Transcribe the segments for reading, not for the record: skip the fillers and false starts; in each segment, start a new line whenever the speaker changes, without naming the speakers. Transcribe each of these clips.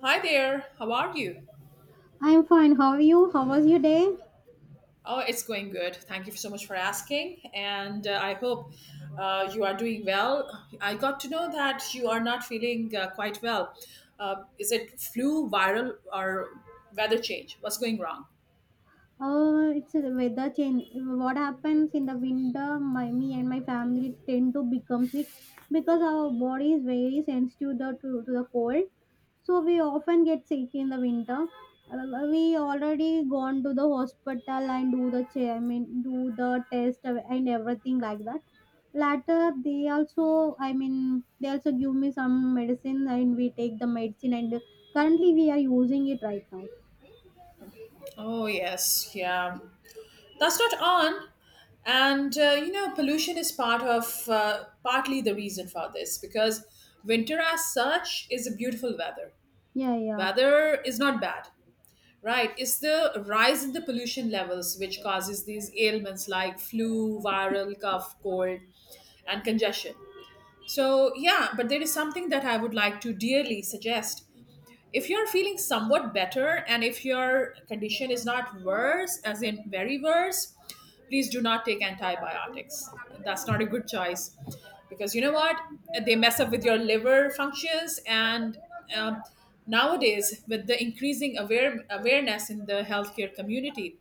Hi there, how are you?
I'm fine. How are you? How was your day?
Oh, it's going good. Thank you so much for asking, and I hope you are doing well. I got to know that you are not feeling quite well. Is it flu, viral, or weather change? What's going wrong?
It's a weather change. What happens in the winter, me and my family tend to become sick because our body is very sensitive to the cold. So we often get sick in the winter. We already gone to the hospital and do the do the test and everything like that. Later, they also, they also give me some medicine and we take the medicine and currently we are using it right now.
Oh, yes, yeah. That's not on. And pollution is part of partly the reason for this because winter, as such, is a beautiful weather.
Yeah, yeah.
Weather is not bad. Right. It's the rise in the pollution levels which causes these ailments like flu, viral, cough, cold, and congestion. So, yeah, but there is something that I would like to dearly suggest if you're feeling somewhat better and if your condition is not worse as in very worse, please do not take antibiotics. That's not a good choice because you know what, they mess up with your liver functions. And um, nowadays, with the increasing awareness in the healthcare community,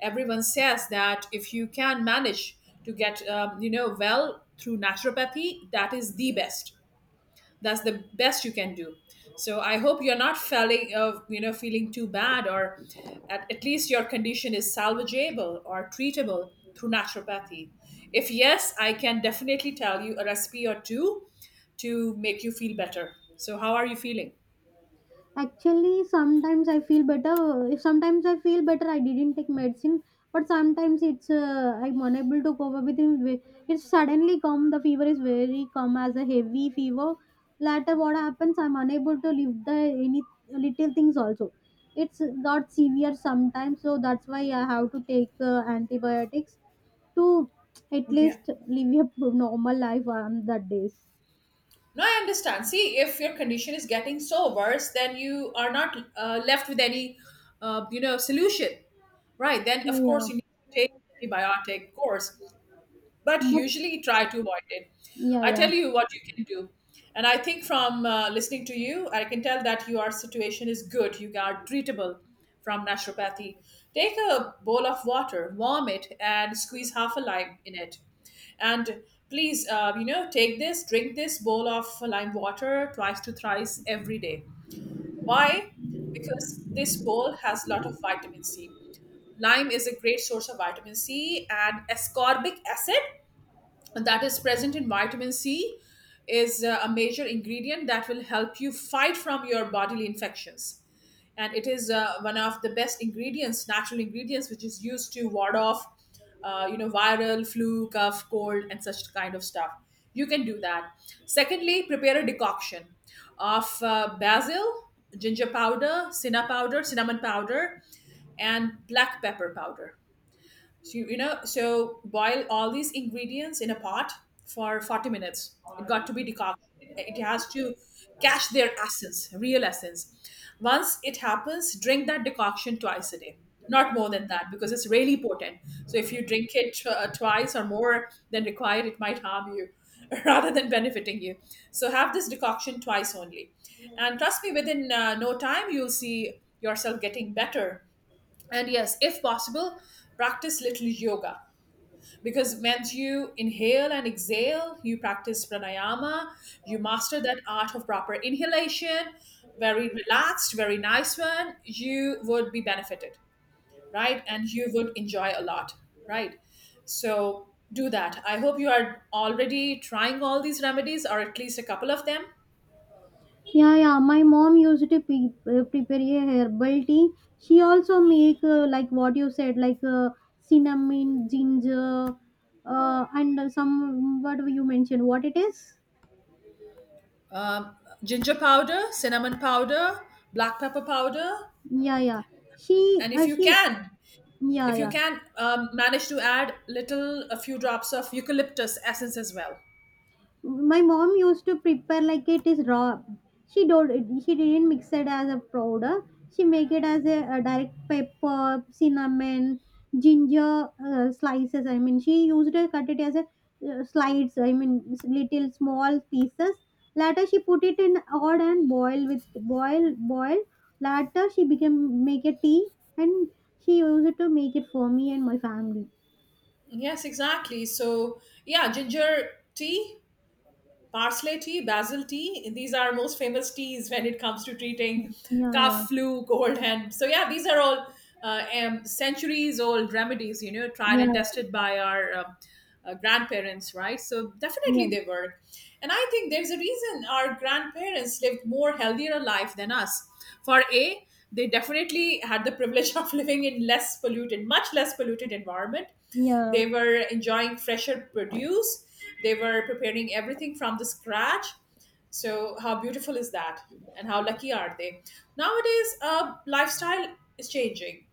everyone says that if you can manage to get well through naturopathy, that is the best. That's the best you can do. So I hope you're not feeling of feeling too bad, or at least your condition is salvageable or treatable through naturopathy. If yes, I can definitely tell you a recipe or two to make you feel better. So how are you feeling?
Actually, sometimes I feel better. If sometimes I feel better, I didn't take medicine. But sometimes it's I'm unable to cope up with it. It's suddenly come. The fever is very come as a heavy fever. Later, what happens? I'm unable to lift the any little things also. It's got severe sometimes, so that's why I have to take antibiotics to at
Yeah.
least live a normal life on that days.
No, I understand. See, if your condition is getting so worse, then you are not left with any, solution, right? Then
Yeah,
of course
yeah.
you need to take an antibiotic course. But
But
usually try to avoid it.
yeah,
I
yeah.
tell you what you can do. And I think from listening to you, I can tell that your situation is good. You are treatable from naturopathy. Take a bowl of water, warm it, and squeeze half a lime in it. And please, take this, drink this bowl of lime water twice to thrice every day. Why? Because this bowl has a lot of vitamin C. Lime is a great source of vitamin C, and ascorbic acid that is present in vitamin C is a major ingredient that will help you fight from your bodily infections. And it is one of the best ingredients, natural ingredients, which is used to ward off, viral, flu, cough, cold, and such kind of stuff. You can do that. Secondly, prepare a decoction of basil, ginger powder, cinnamon powder, and black pepper powder. So, so boil all these ingredients in a pot for 40 minutes. It got to be decocted. It has to catch their essence, real essence. Once it happens, drink that decoction twice a day. Not more than that because it's really potent. So if you drink it twice or more than required, it might harm you rather than benefiting you. So have this decoction twice only. And trust me, within no time, you'll see yourself getting better. And yes, if possible, practice little yoga, because when you inhale and exhale, you practice pranayama, you master that art of proper inhalation, very relaxed, very nice one, you would be benefited, right? And you would enjoy a lot, right? So do that. I hope you are already trying all these remedies or at least a couple of them.
Yeah, yeah. My mom used to prepare a herbal tea. She also make like what you said, like cinnamon, ginger, and some what you mentioned. What it is?
um, Ginger powder, cinnamon powder, black pepper powder,
Yeah, yeah. She,
and if
uh,
you
she,
can,
yeah,
if you
yeah.
can manage to add little, a few drops of eucalyptus essence as well.
My mom used to prepare like it is raw. She don't, she didn't mix it as a powder. She make it as a direct pepper, cinnamon, ginger, slices. I mean, she used to cut it as a slides. Little small pieces. Later she put it in odd and boil with boil. Later she became make a tea, and she used to make it for me and my family.
Yes, exactly. So, yeah, ginger tea, parsley tea, basil tea. These are most famous teas when it comes to treating
yeah yeah
cough, flu, cold, and so yeah, these are all centuries-old remedies. You know, tried
yeah
and tested by our grandparents, right? So
yeah
definitely they work. And I think there's a reason our grandparents lived more healthier life than us. For a, they definitely had the privilege of living in less polluted, much less polluted environment.
yeah
They were enjoying fresher produce. They were preparing everything from the scratch. So how beautiful is that? And how lucky are they? Nowadays, lifestyle is changing.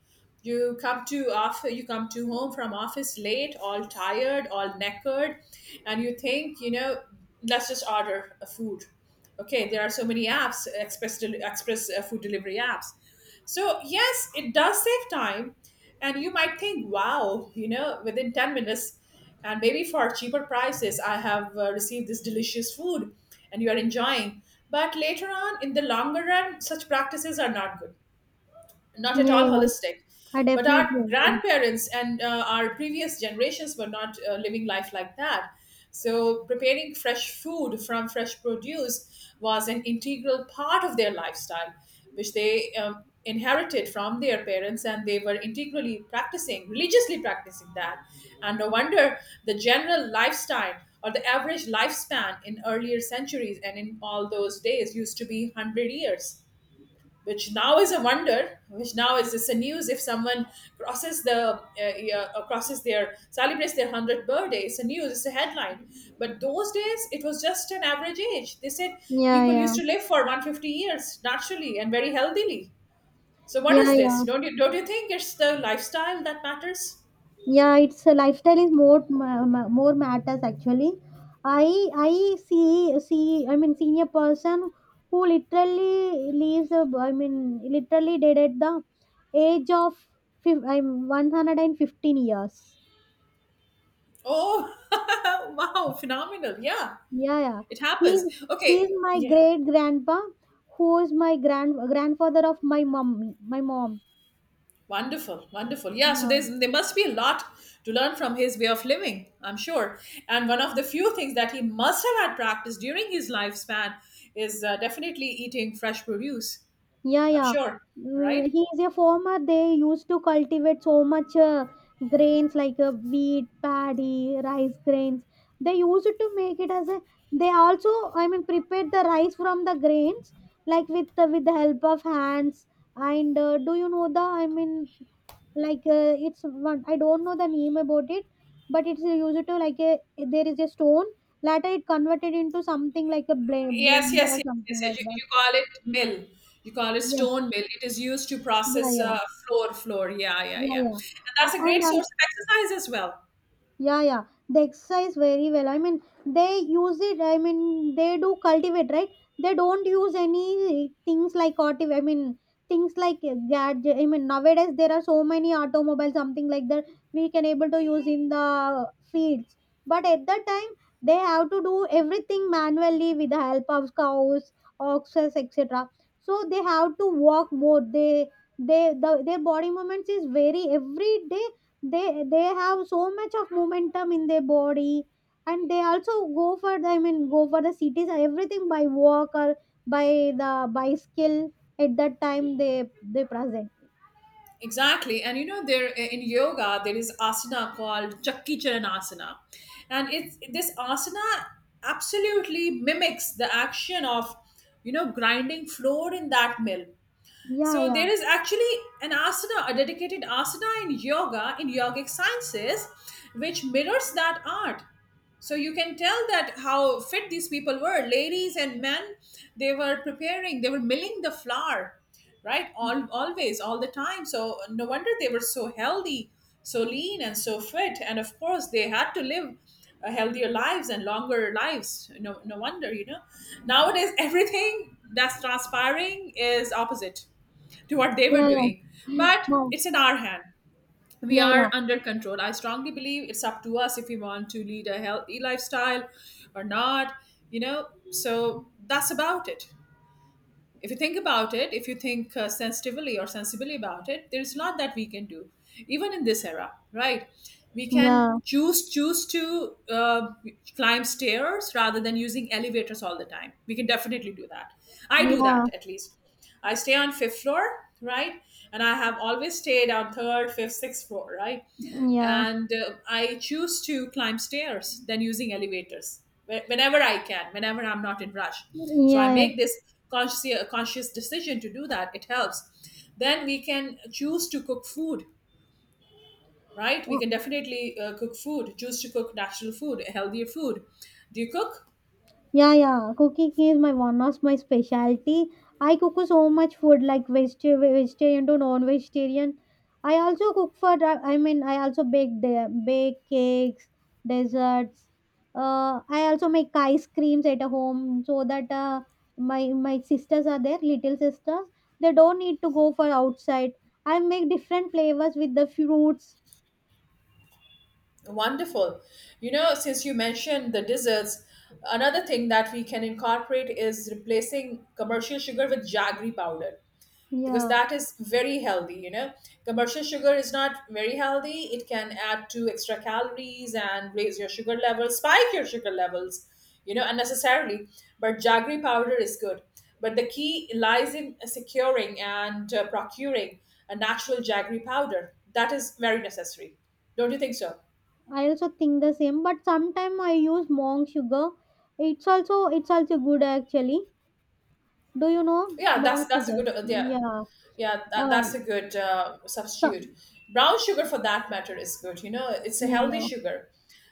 You come to, after you come to home from office late, all tired, all knackered, and you think, you know, let's just order a food. Okay, there are so many apps, express food delivery apps. So, yes, it does save time. And you might think, wow, you know, within 10 minutes, and maybe for cheaper prices, I have received this delicious food, and you are enjoying. But later on, in the longer run, such practices are not good, not at
Yeah,
all
yeah.
holistic.
I
But
definitely
our
agree.
grandparents and our previous generations were not living life like that. So preparing fresh food from fresh produce was an integral part of their lifestyle, which they inherited from their parents, and they were integrally practicing, religiously practicing that. And no wonder, the general lifestyle or the average lifespan in earlier centuries and in all those days used to be 100 years, which now is a wonder, which now is, it's a news. If someone crosses the yeah, crosses their celebrates their hundredth birthday, it's a news, it's a headline. But those days, it was just an average age. They said
Yeah,
people used
yeah,
to live for 150 years naturally and very healthily. So what
yeah,
is this?
yeah,
Don't you think it's the lifestyle that matters?
yeah. It's a lifestyle is more matters actually. I see see I mean, senior person who literally leaves the. I mean, literally dead at the age of I'm 115 years.
Oh, wow, phenomenal! Yeah,
Yeah, yeah.
it happens.
He's he's
Okay,
my
yeah.
great grandpa, who is my grand grandfather of my mom. My mom.
Wonderful, wonderful. Yeah, so
Yeah.
there must be a lot to learn from his way of living, I'm sure. And one of the few things that he must have had practiced during his lifespan is definitely eating fresh produce.
Yeah,
I'm
yeah.
sure,
Mm,
right?
he is a farmer. They used to cultivate so much grains like wheat, paddy, rice grains. They used to make it as a. They also, prepared the rice from the grains, like with the help of hands. And do you know the? I mean, like it's one. I don't know the name about it, but it's used to like a. There is a stone. Later, it converted into something like a
Yes,
blender
yes,
or
yes, yes,
something
yes.
like
You,
that.
you call it mill. You call it
Yes.
stone mill. It is used to
Yeah.
process
Yeah.
flour. Yeah, yeah,
Yeah,
yeah.
yeah.
And that's a great
And also,
source of exercise as well.
yeah, yeah. They exercise very well. I mean, they use it. I mean, they do cultivate, right? They don't use any things like auto. I mean, things like gadget. I mean, nowadays there are so many automobiles, something like that. We can able to use in the fields, but at that time they have to do everything manually with the help of cows, oxes, etc. So they have to walk more. They the Their body movements is very every day. They have so much of momentum in their body, and they also go for the, I mean go for the cities everything by walk or by the by skill at that time they present.
Exactly. And you know, there in yoga, there is asana called Chakki Charan Asana. And it's this asana absolutely mimics the action of, you know, grinding flour in that mill.
yeah
So
yeah
there is actually an asana, a dedicated asana in yoga, in yogic sciences, which mirrors that art. So you can tell that how fit these people were, ladies and men. They were preparing, they were milling the flour, right? All always, all the time. So no wonder they were so healthy, so lean, and so fit. And of course, they had to live healthier lives and longer lives. No, no wonder, you know. Nowadays, everything that's transpiring is opposite to what they were
yeah yeah
doing. But
no.
it's in our hand. We
yeah
are
yeah
under control. I strongly believe it's up to us if we want to lead a healthy lifestyle or not, you know. So that's about it. If you think about it, if you think sensitively or sensibly about it, there's a lot that we can do, even in this era, right? We can
yeah
choose to climb stairs rather than using elevators all the time. We can definitely do that. I do
yeah
that at least. I stay on fifth floor, right? And I have always stayed on third, fifth, sixth floor, right?
yeah
And I choose to climb stairs than using elevators whenever I can, whenever I'm not in rush. So I
yeah
make this conscious decision to do that. It helps. Then we can choose to cook food, right? We
yeah.
can definitely cook food. Choose to cook natural food, healthier food. Do you cook?
Yeah, yeah. Cooking is my one of my specialty. I cook so much food like vegetarian to non-vegetarian. I also cook for, I mean, I also bake cakes, desserts. I also make ice creams at home so that my sisters are there, little sisters. They don't need to go for outside. I make different flavors with the fruits.
Wonderful. You know, since you mentioned the desserts, another thing that we can incorporate is replacing commercial sugar with jaggery powder because
Yeah.
that is very healthy. You know, commercial sugar is not very healthy, it can add to extra calories and raise your sugar levels, spike your sugar levels, you know, unnecessarily. But jaggery powder is good. But the key lies in securing and procuring a natural jaggery powder, that is very necessary. Don't you think so?
I also think the same, but sometimes I use monk sugar. It's also good actually. Do you know
Yeah, that's
monk
that's a
sugar?
good yeah,
Yeah.
yeah. That,
Uh,
that's a good
so,
substitute. Brown sugar, for that matter, is good. You know, it's a
yeah,
healthy
yeah,
sugar.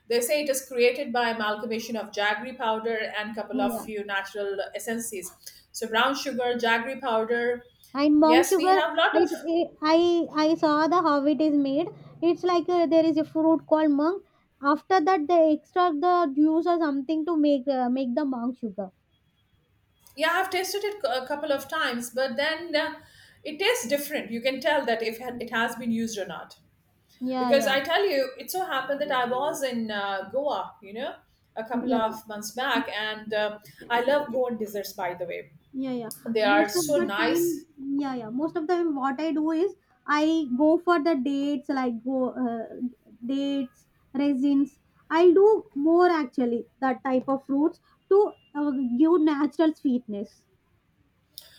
They say it is created by amalgamation of jaggery powder and couple of
yeah.
few natural essences. So brown sugar, jaggery powder.
And monk
Yes, we
sugar,
have lot of.
I saw the how it is made. It's like there is a fruit called monk. After that, they extract the juice or something to make the monk sugar.
Yeah, I've tasted it a couple of times, but then it tastes different. You can tell that if it has been used or not.
Yeah,
Because
yeah,
I tell you, it so happened that I was in Goa, you know, a couple
yeah.
of months back, and I love Goan desserts, by the way.
Yeah, yeah.
They are
Most of
so
the
nice.
time, yeah, yeah. Most of the time, what I do is I go for the dates, like go dates, resins. I'll do more actually that type of fruits to give natural sweetness.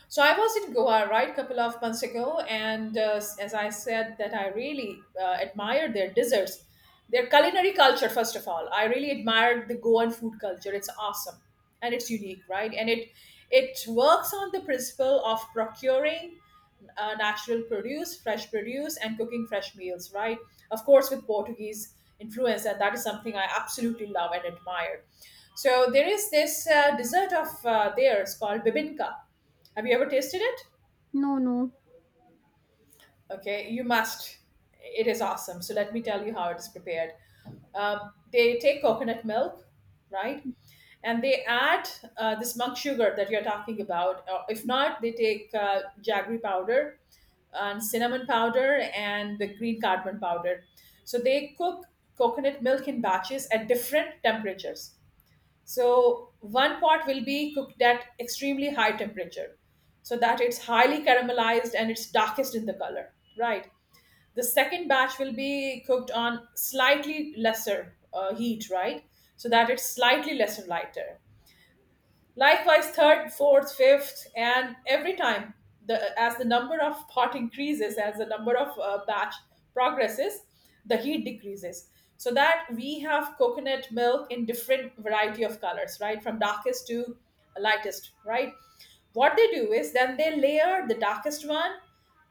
So I was in Goa, right, couple of months ago, and as I said, that I really admire their desserts, their culinary culture. First of all, I really admired the Goan food culture. It's awesome, and it's unique, right? And it works on the principle of procuring natural produce, fresh produce, and cooking fresh meals, right? Of course, with Portuguese influence, and that is something I absolutely love and admire. So there is this dessert of theirs called bibinka. Have you ever tasted it?
No, no.
Okay, you must. It is awesome. So let me tell you how it is prepared. They take coconut milk, right? And they add this monk sugar that you're talking about. If not, they take jaggery powder and cinnamon powder and the green cardamom powder. So they cook coconut milk in batches at different temperatures. So one pot will be cooked at extremely high temperature so that it's highly caramelized and it's darkest in the color, right? The second batch will be cooked on slightly lesser heat, right? So that it's slightly lesser lighter. Likewise, third, fourth, fifth, and every time the as the number of pot increases, as the number of batch progresses, the heat decreases. So that we have coconut milk in different variety of colors, right, from darkest to lightest, right. What they do is then they layer the darkest one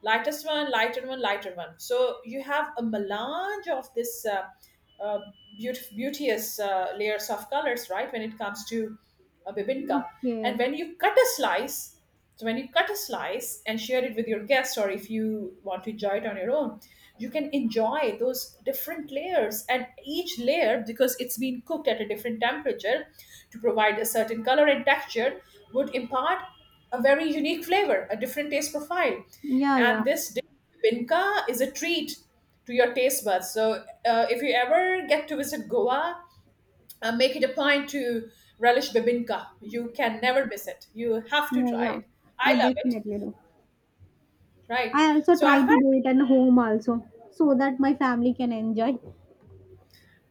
lightest one lighter one lighter one, so you have a melange of this uh, beauteous layers of colors, right, when it comes to bibinka. And
Okay.
when you cut a slice, so when you cut a slice and share it with your guests, or if you want to enjoy it on your own, you can enjoy those different layers, and each layer, because it's been cooked at a different temperature to provide a certain color and texture, would impart a very unique flavor, a different taste profile.
Yeah,
And
yeah.
this dish, pinka, is a treat to your taste buds. So if you ever get to visit Goa, make it a point to relish bibinka. You can never miss it. You have to
Yeah,
try
yeah.
it. I
I
love it.
definitely do.
Right.
I also
So I've
try to
had.
do it at home also so that my family can enjoy.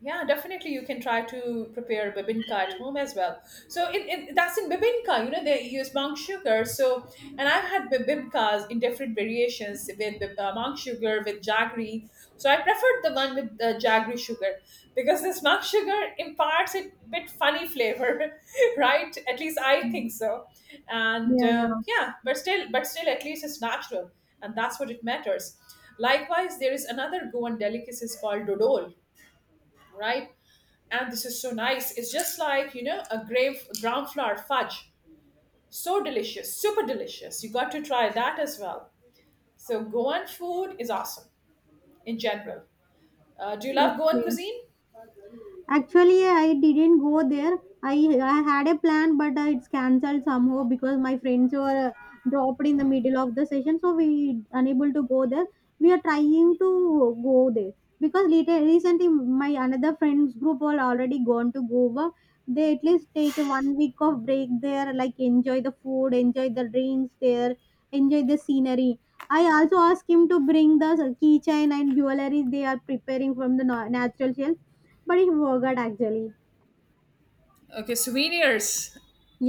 Yeah, definitely. You can try to prepare bibinka at home as well. So in that's in bibinka, you know, they use monk sugar. So and I've had bibinkas in different variations with monk sugar with jaggery. So I preferred the one with the jaggery sugar because this monk sugar imparts a bit funny flavor, right? At least I
Mm.
think so. And
Yeah, yeah.
yeah, but still, at least it's natural, and that's what it matters. Likewise, there is another Goan delicacy called dodol, right? And this is so nice. It's just like, you know, a grave brown flour fudge, so delicious, super delicious. You got to try that as well. So Goan food is awesome in general. Do you love Goan
Okay.
cuisine?
Actually, I didn't go there. I had a plan, but it's cancelled somehow because my friends were dropped in the middle of the session, so we unable to go there. We are trying to go there because later recently my another friends group all already gone to Goa. They at least take a one week of break there, like enjoy the food, enjoy the drinks there, enjoy the scenery. I also asked him to bring the keychain and jewelry they are preparing from the natural shelf, but he forgot actually.
Okay, souvenirs.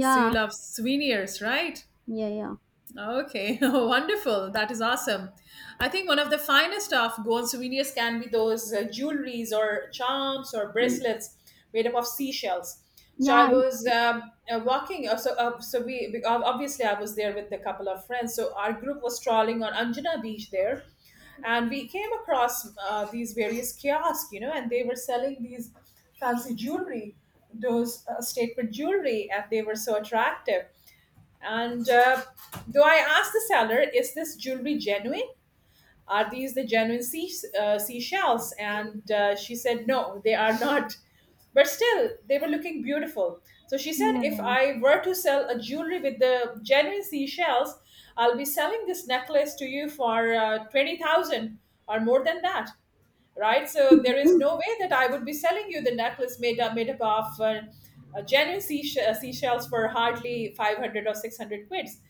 So you love souvenirs, right?
yeah, yeah,
Okay, wonderful. That is awesome. I think one of the finest of gold souvenirs can be those jewelries or charms or bracelets made up of seashells. So I
yeah, it-
was walking. Obviously I was there with a couple of friends. So our group was strolling on Anjana Beach there, and we came across these various kiosks, you know, and they were selling these fancy jewelry, those statement jewelry, and they were so attractive. And Though I asked the seller, is this jewelry genuine? Are these the genuine seashells? And she said, no, they are not. But still, they were looking beautiful. So she said, if
yeah,
I were to sell a jewelry with the genuine seashells, I'll be selling this necklace to you for 20,000 or more than that, right? So there is
yeah.
no way that I would be selling you the necklace made up of genuine seashells for hardly 500 or 600 quids.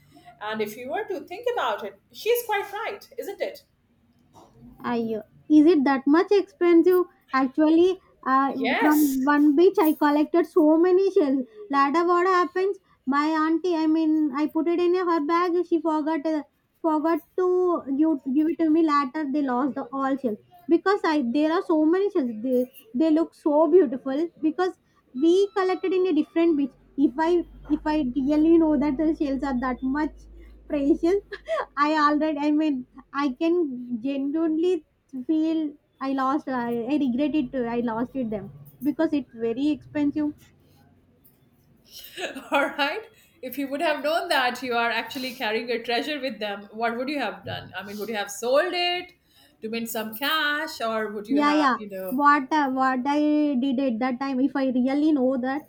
And if you were to think about it, she's quite right, isn't it?
I Is it that much expensive? Actually, uh,
Yes.
from one beach I collected so many shells. Later, what happens? My auntie, I put it in her bag. She forgot to you give it to me. Later, they lost the all shells because I there are so many shells. They look so beautiful because we collected in a different beach. If I really know that the shells are that much precious, i already i mean I can genuinely feel I regret it too. I lost it them because it's very expensive.
All right. If you would have known that you are actually carrying a treasure with them, what would you have done? I mean, would you have sold it to make some cash, or would you
yeah
have,
yeah
you know,
what I did at that time, if I really know that,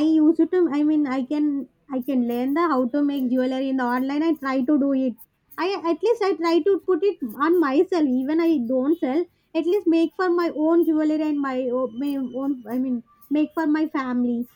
I used to I mean I can, I can learn the how to make jewelry in the online. I try to do it. I At least I try to put it on myself. Even I don't sell, at least make for my own jewelry and my own, make for my family.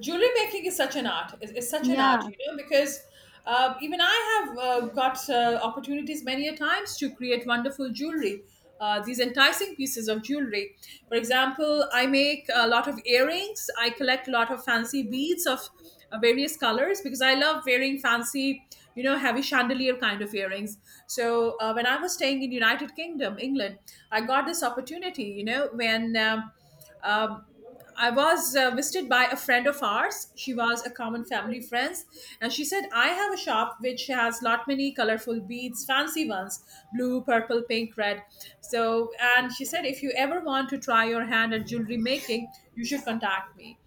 jewelry making is such an art, is such an
Yeah,
art, you know, because even I have got opportunities many a times to create wonderful jewelry, these enticing pieces of jewelry. For example, I make a lot of earrings. I collect a lot of fancy beads of various colors because I love wearing fancy, you know, heavy chandelier kind of earrings. So when I was staying in United Kingdom, England, I got this opportunity, you know, when um, I was visited by a friend of ours. She was a common family friend, and she said, "I have a shop which has lot many colorful beads, fancy ones, blue, purple, pink, red." So, and she said, "If you ever want to try your hand at jewelry making, you should contact me."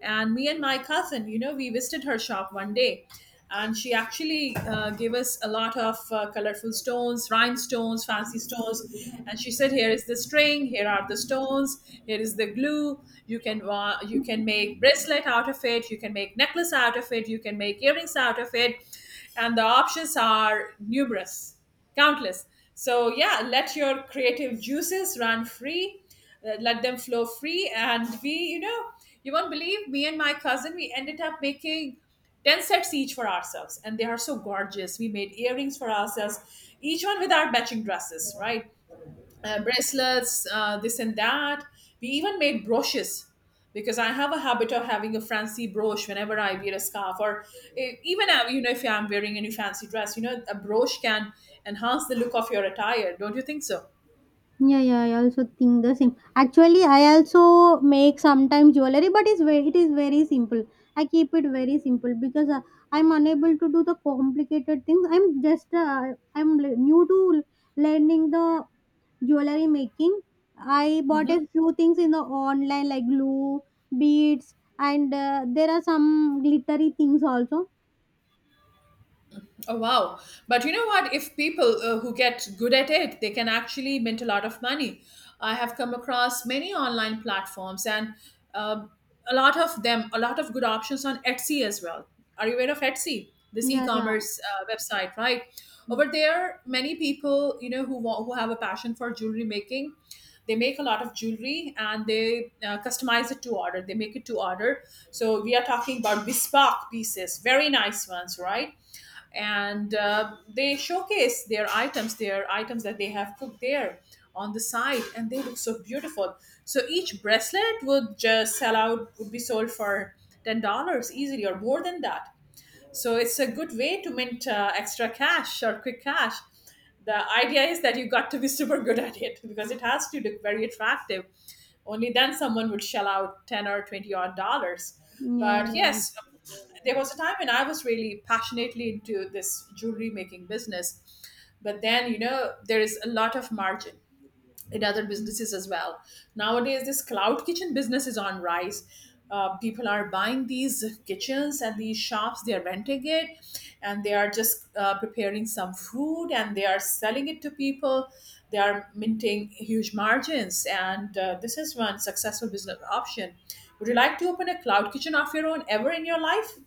And me and my cousin, you know, we visited her shop one day. And she actually gave us a lot of colorful stones, rhinestones, fancy stones. And she said, "Here is the string. Here are the stones. Here is the glue. You can you can make bracelet out of it. You can make necklace out of it. You can make earrings out of it." And the options are numerous, countless. So, yeah, let your creative juices run free, let them flow free. And we, you know, you won't believe, me and my cousin, we ended up making 10 sets each for ourselves, and they are so gorgeous. We made earrings for ourselves, each one with our matching dresses, right, bracelets, this and that. We even made brooches because I have a habit of having a fancy brooch whenever I wear a scarf, or even, you know, if I'm wearing any fancy dress, you know, a brooch can enhance the look of your attire, don't you think so?
yeah, yeah. I also think the same. Actually, I also make sometimes jewelry, but it is very simple. I keep it very simple because I'm unable to do the complicated things. I'm new to learning the jewelry making. I bought
Mm-hmm.
a few things in the online like glue, beads, and there are some glittery things also.
Oh wow! But you know what? If people who get good at it, they can actually mint a lot of money. I have come across many online platforms, and uh, a lot of them, a lot of good options on Etsy as well. Are you aware of Etsy? This
Yeah, yeah,
e-commerce website, right? Over there, many people, you know, who who have a passion for jewelry making, they make a lot of jewelry, and they customize it to order. They make it to order. So we are talking about bespoke pieces, very nice ones, right? And they showcase their items, that they have cooked there on the site, and they look so beautiful. So each bracelet would just sell out, would be sold for $10 easily, or more than that. So it's a good way to mint extra cash or quick cash. The idea is that you got to be super good at it because it has to look very attractive. Only then someone would shell out 10 or 20 odd dollars.
yeah.
But yes, there was a time when I was really passionately into this jewelry making business. But then, you know, there is a lot of margin in other businesses as well. Nowadays, this cloud kitchen business is on rise. People are buying these kitchens and these shops, they are renting it, and they are just preparing some food and they are selling it to people. They are minting huge margins, and this is one successful business option. Would you like to open a cloud kitchen of your own ever in your life?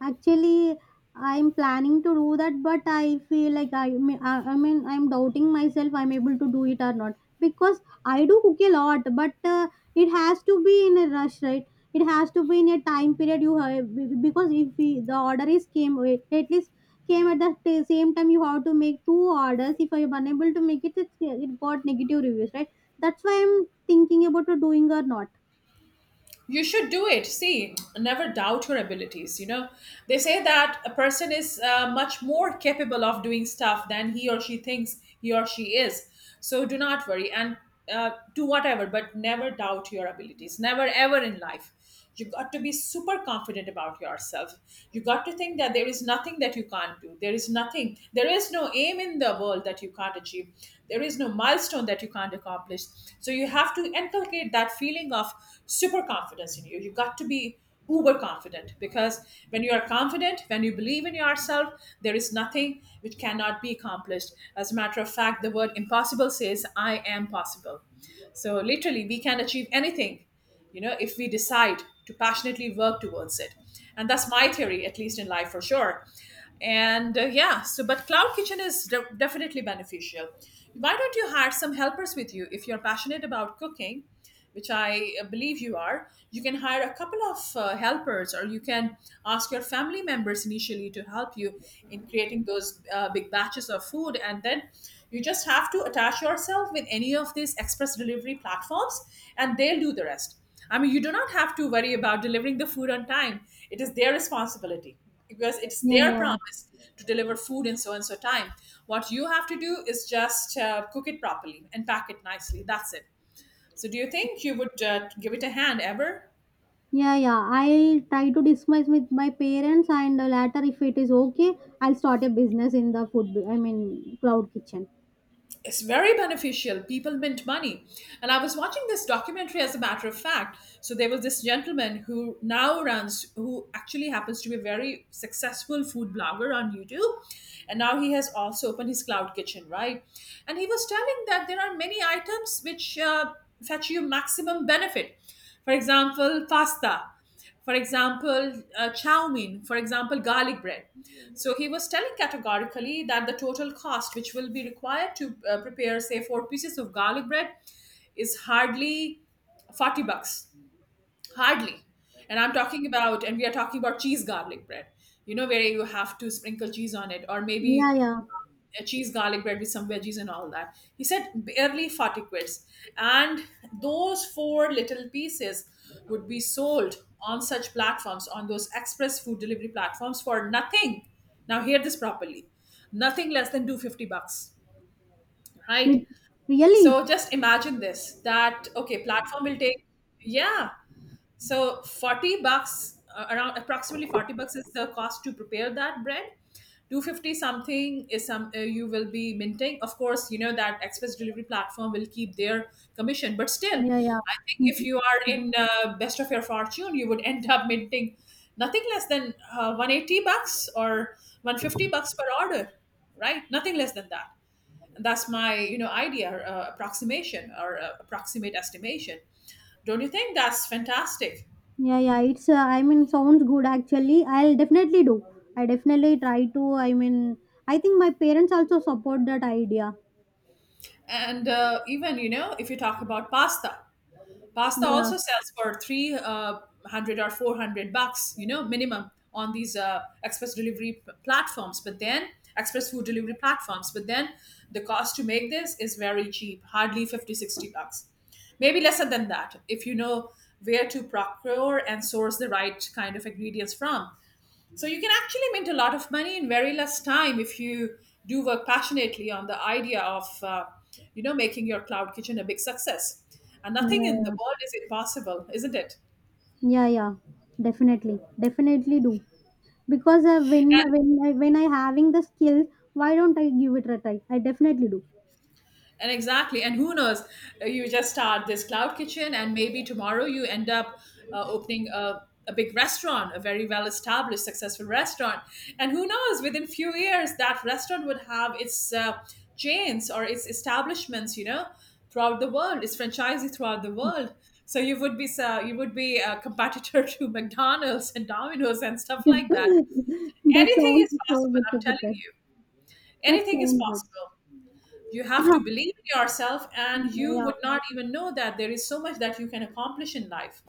Actually, I'm planning to do that, but I feel like I, may- I mean, I'm doubting myself I'm able to do it or not, because I do cook a lot, but it has to be in a rush, right? It has to be in a time period. You have be- Because if we, the order is came, eh, at least came at the same time, you have to make two orders. If I'm unable to make it, it got negative reviews, right? That's why I'm thinking about doing or not.
You should do it. See, never doubt your abilities, you know. They say that a person is much more capable of doing stuff than he or she thinks he or she is. So do not worry, and do whatever, but never doubt your abilities, never ever in life. You got to be super confident about yourself. You got to think that there is nothing that you can't do. There is nothing, there is no aim in the world that you can't achieve, there is no milestone that you can't accomplish. So you have to inculcate that feeling of super confidence in you. You got to be uber confident, because when you are confident, when you believe in yourself, there is nothing which cannot be accomplished. As a matter of fact, the word impossible says I am possible. So literally, we can achieve anything, you know, if we decide to passionately work towards it. And that's my theory, at least in life for sure. And yeah, so but cloud kitchen is definitely beneficial. Why don't you hire some helpers with you if you're passionate about cooking? Which I believe you are, you can hire a couple of helpers, or you can ask your family members initially to help you in creating those big batches of food. And then you just have to attach yourself with any of these express delivery platforms, and they'll do the rest. I mean, you do not have to worry about delivering the food on time, it is their responsibility because it's
Yeah,
their
yeah.
promise to deliver food in so and so time. What you have to do is just cook it properly and pack it nicely. That's it. So, do you think you would give it a hand ever?
Yeah, yeah. I'll try to discuss with my parents, and later, if it is okay, I'll start a business in the food. Cloud kitchen.
It's very beneficial. People mint money. And I was watching this documentary, as a matter of fact. So, there was this gentleman who now runs, who actually happens to be a very successful food blogger on YouTube. And now he has also opened his cloud kitchen, right? And he was telling that there are many items which fetch you maximum benefit. For example, pasta, for example, chow mein, for example, garlic bread. So he was telling categorically that the total cost which will be required to prepare, say, four pieces of garlic bread is hardly 40 bucks. Hardly. And we are talking about cheese garlic bread, you know, where you have to sprinkle cheese on it, or maybe
Yeah, yeah.
a cheese garlic bread with some veggies and all that. He said barely 40 quids. And those four little pieces would be sold on such platforms, on those express food delivery platforms for nothing. Now, hear this properly, nothing less than 250 bucks, right?
Lit- Really?
So just imagine this, that, okay, platform will take, yeah, so 40 bucks, around approximately 40 bucks is the cost to prepare that bread. 250 something is some you will be minting. Of course, you know that express delivery platform will keep their commission, but still,
Yeah, yeah.
I think if
Mhm.
you are in best of your fortune, you would end up minting nothing less than 180 bucks or 150 bucks per order, right? Nothing less than that. And that's my, you know, idea, approximation, or approximate estimation. Don't you think that's fantastic?
Yeah, yeah. It's. I mean, sounds good actually. I'll definitely do. I definitely try to. I mean, I think my parents also support that idea.
And even, you know, if you talk about pasta, pasta
Yeah,
also sells for 300 or 400 bucks, you know, minimum on these express delivery platforms. But then, express food delivery platforms. But then the cost to make this is very cheap, hardly 50, 60 bucks. Maybe lesser than that if you know where to procure and source the right kind of ingredients from. So you can actually make a lot of money in very less time if you do work passionately on the idea of, you know, making your cloud kitchen a big success. And
yeah,
nothing in the
yeah,
world is impossible, isn't it?
yeah. Definitely, definitely do. Because when I having the skill, why don't I give it a try? I definitely do.
And exactly. And who knows? You just start this cloud kitchen, and maybe tomorrow you end up opening a big restaurant, a very well established, successful restaurant. And who knows? Within few years, that restaurant would have its chains or its establishments, you know, throughout the world, its franchisee throughout the world. So you would be, a competitor to McDonald's and Domino's and stuff like that.
That
Anything
sounds
is
so
possible.
good
I'm
to
telling
put it.
you,
That
anything is
sounds good.
possible. You have to believe in yourself, and you
Yeah,
would not even know that there is so much that you can accomplish in life.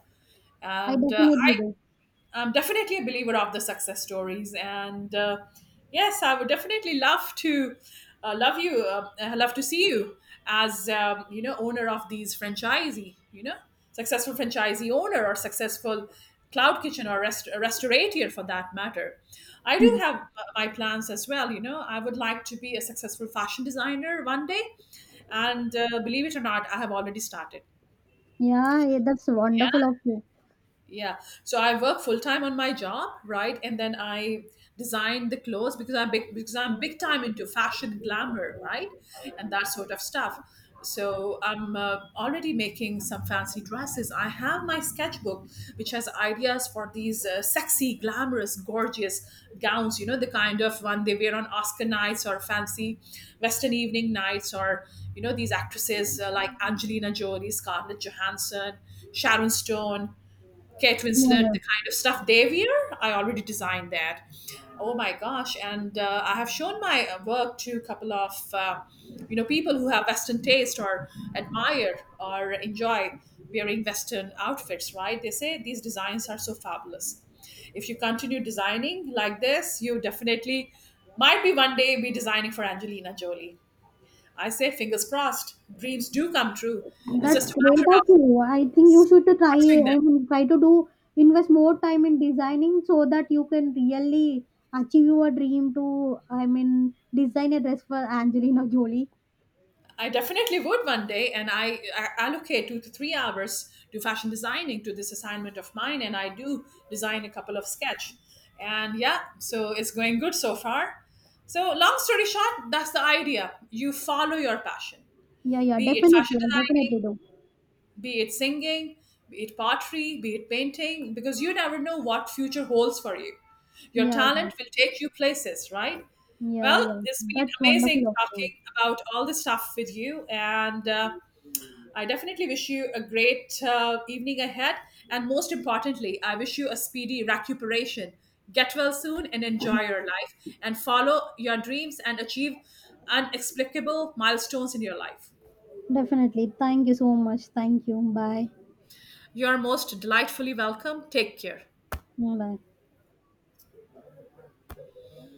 I
And
definitely do.
I'm definitely a believer of the success stories, and yes, I would definitely love to love to see you as you know, owner of these franchisee. You know, successful franchisee owner, or successful cloud kitchen, or restaurateur for that matter. I do
Hmm.
have my plans as well. You know, I would like to be a successful fashion designer one day, and believe it or not, I have already started.
Yeah, yeah, that's wonderful of you.
Yeah, so I work full time on my job, right? And then I design the clothes, because I'm big time into fashion, glamour, right, and that sort of stuff. So I'm already making some fancy dresses. I have my sketchbook, which has ideas for these sexy, glamorous, gorgeous gowns, you know, the kind of one they wear on Oscar nights or fancy Western evening nights, or you know, these actresses like Angelina Jolie, Scarlett Johansson, Sharon Stone, Kate
Yeah,
Winslet,
yeah.
the kind of stuff they wear, I already designed that. Oh my gosh! And I have shown my work to a couple of you know, people who have Western taste or admire or enjoy wearing Western outfits, right? They say these designs are so fabulous. If you continue designing like this, you definitely might be one day be designing for Angelina Jolie. I say fingers crossed. Dreams do come true. It's
That's
just a
great
matter
of
of
you. I think you should to try.
pursuing them.
I mean, try to do invest more time in designing so that you can really achieve your dream to. I mean, design a dress for Angelina Jolie.
I definitely would one day, and I allocate 2 to 3 hours to fashion designing, to this assignment of mine, and I do design a couple of sketch, and yeah, so it's going good so far. So long story short, that's the idea. You follow your passion,
Yeah, yeah,
be it
definitely.
fashion
I
designing,
definitely do.
be it singing, be it pottery, be it painting, because you never know what future holds for you. Your
Yeah, yeah.
talent will take you places, right?
Yeah,
Well,
yeah.
it's been
That's
amazing
wonderful of you.
talking about all this stuff with you, and I definitely wish you a great evening ahead. And most importantly, I wish you a speedy recuperation. Get well soon and enjoy your life, and follow your dreams and achieve unexplicable milestones in your life.
Definitely. Thank you so much. Thank you. Bye.
You are most delightfully welcome. Take care.
Bye.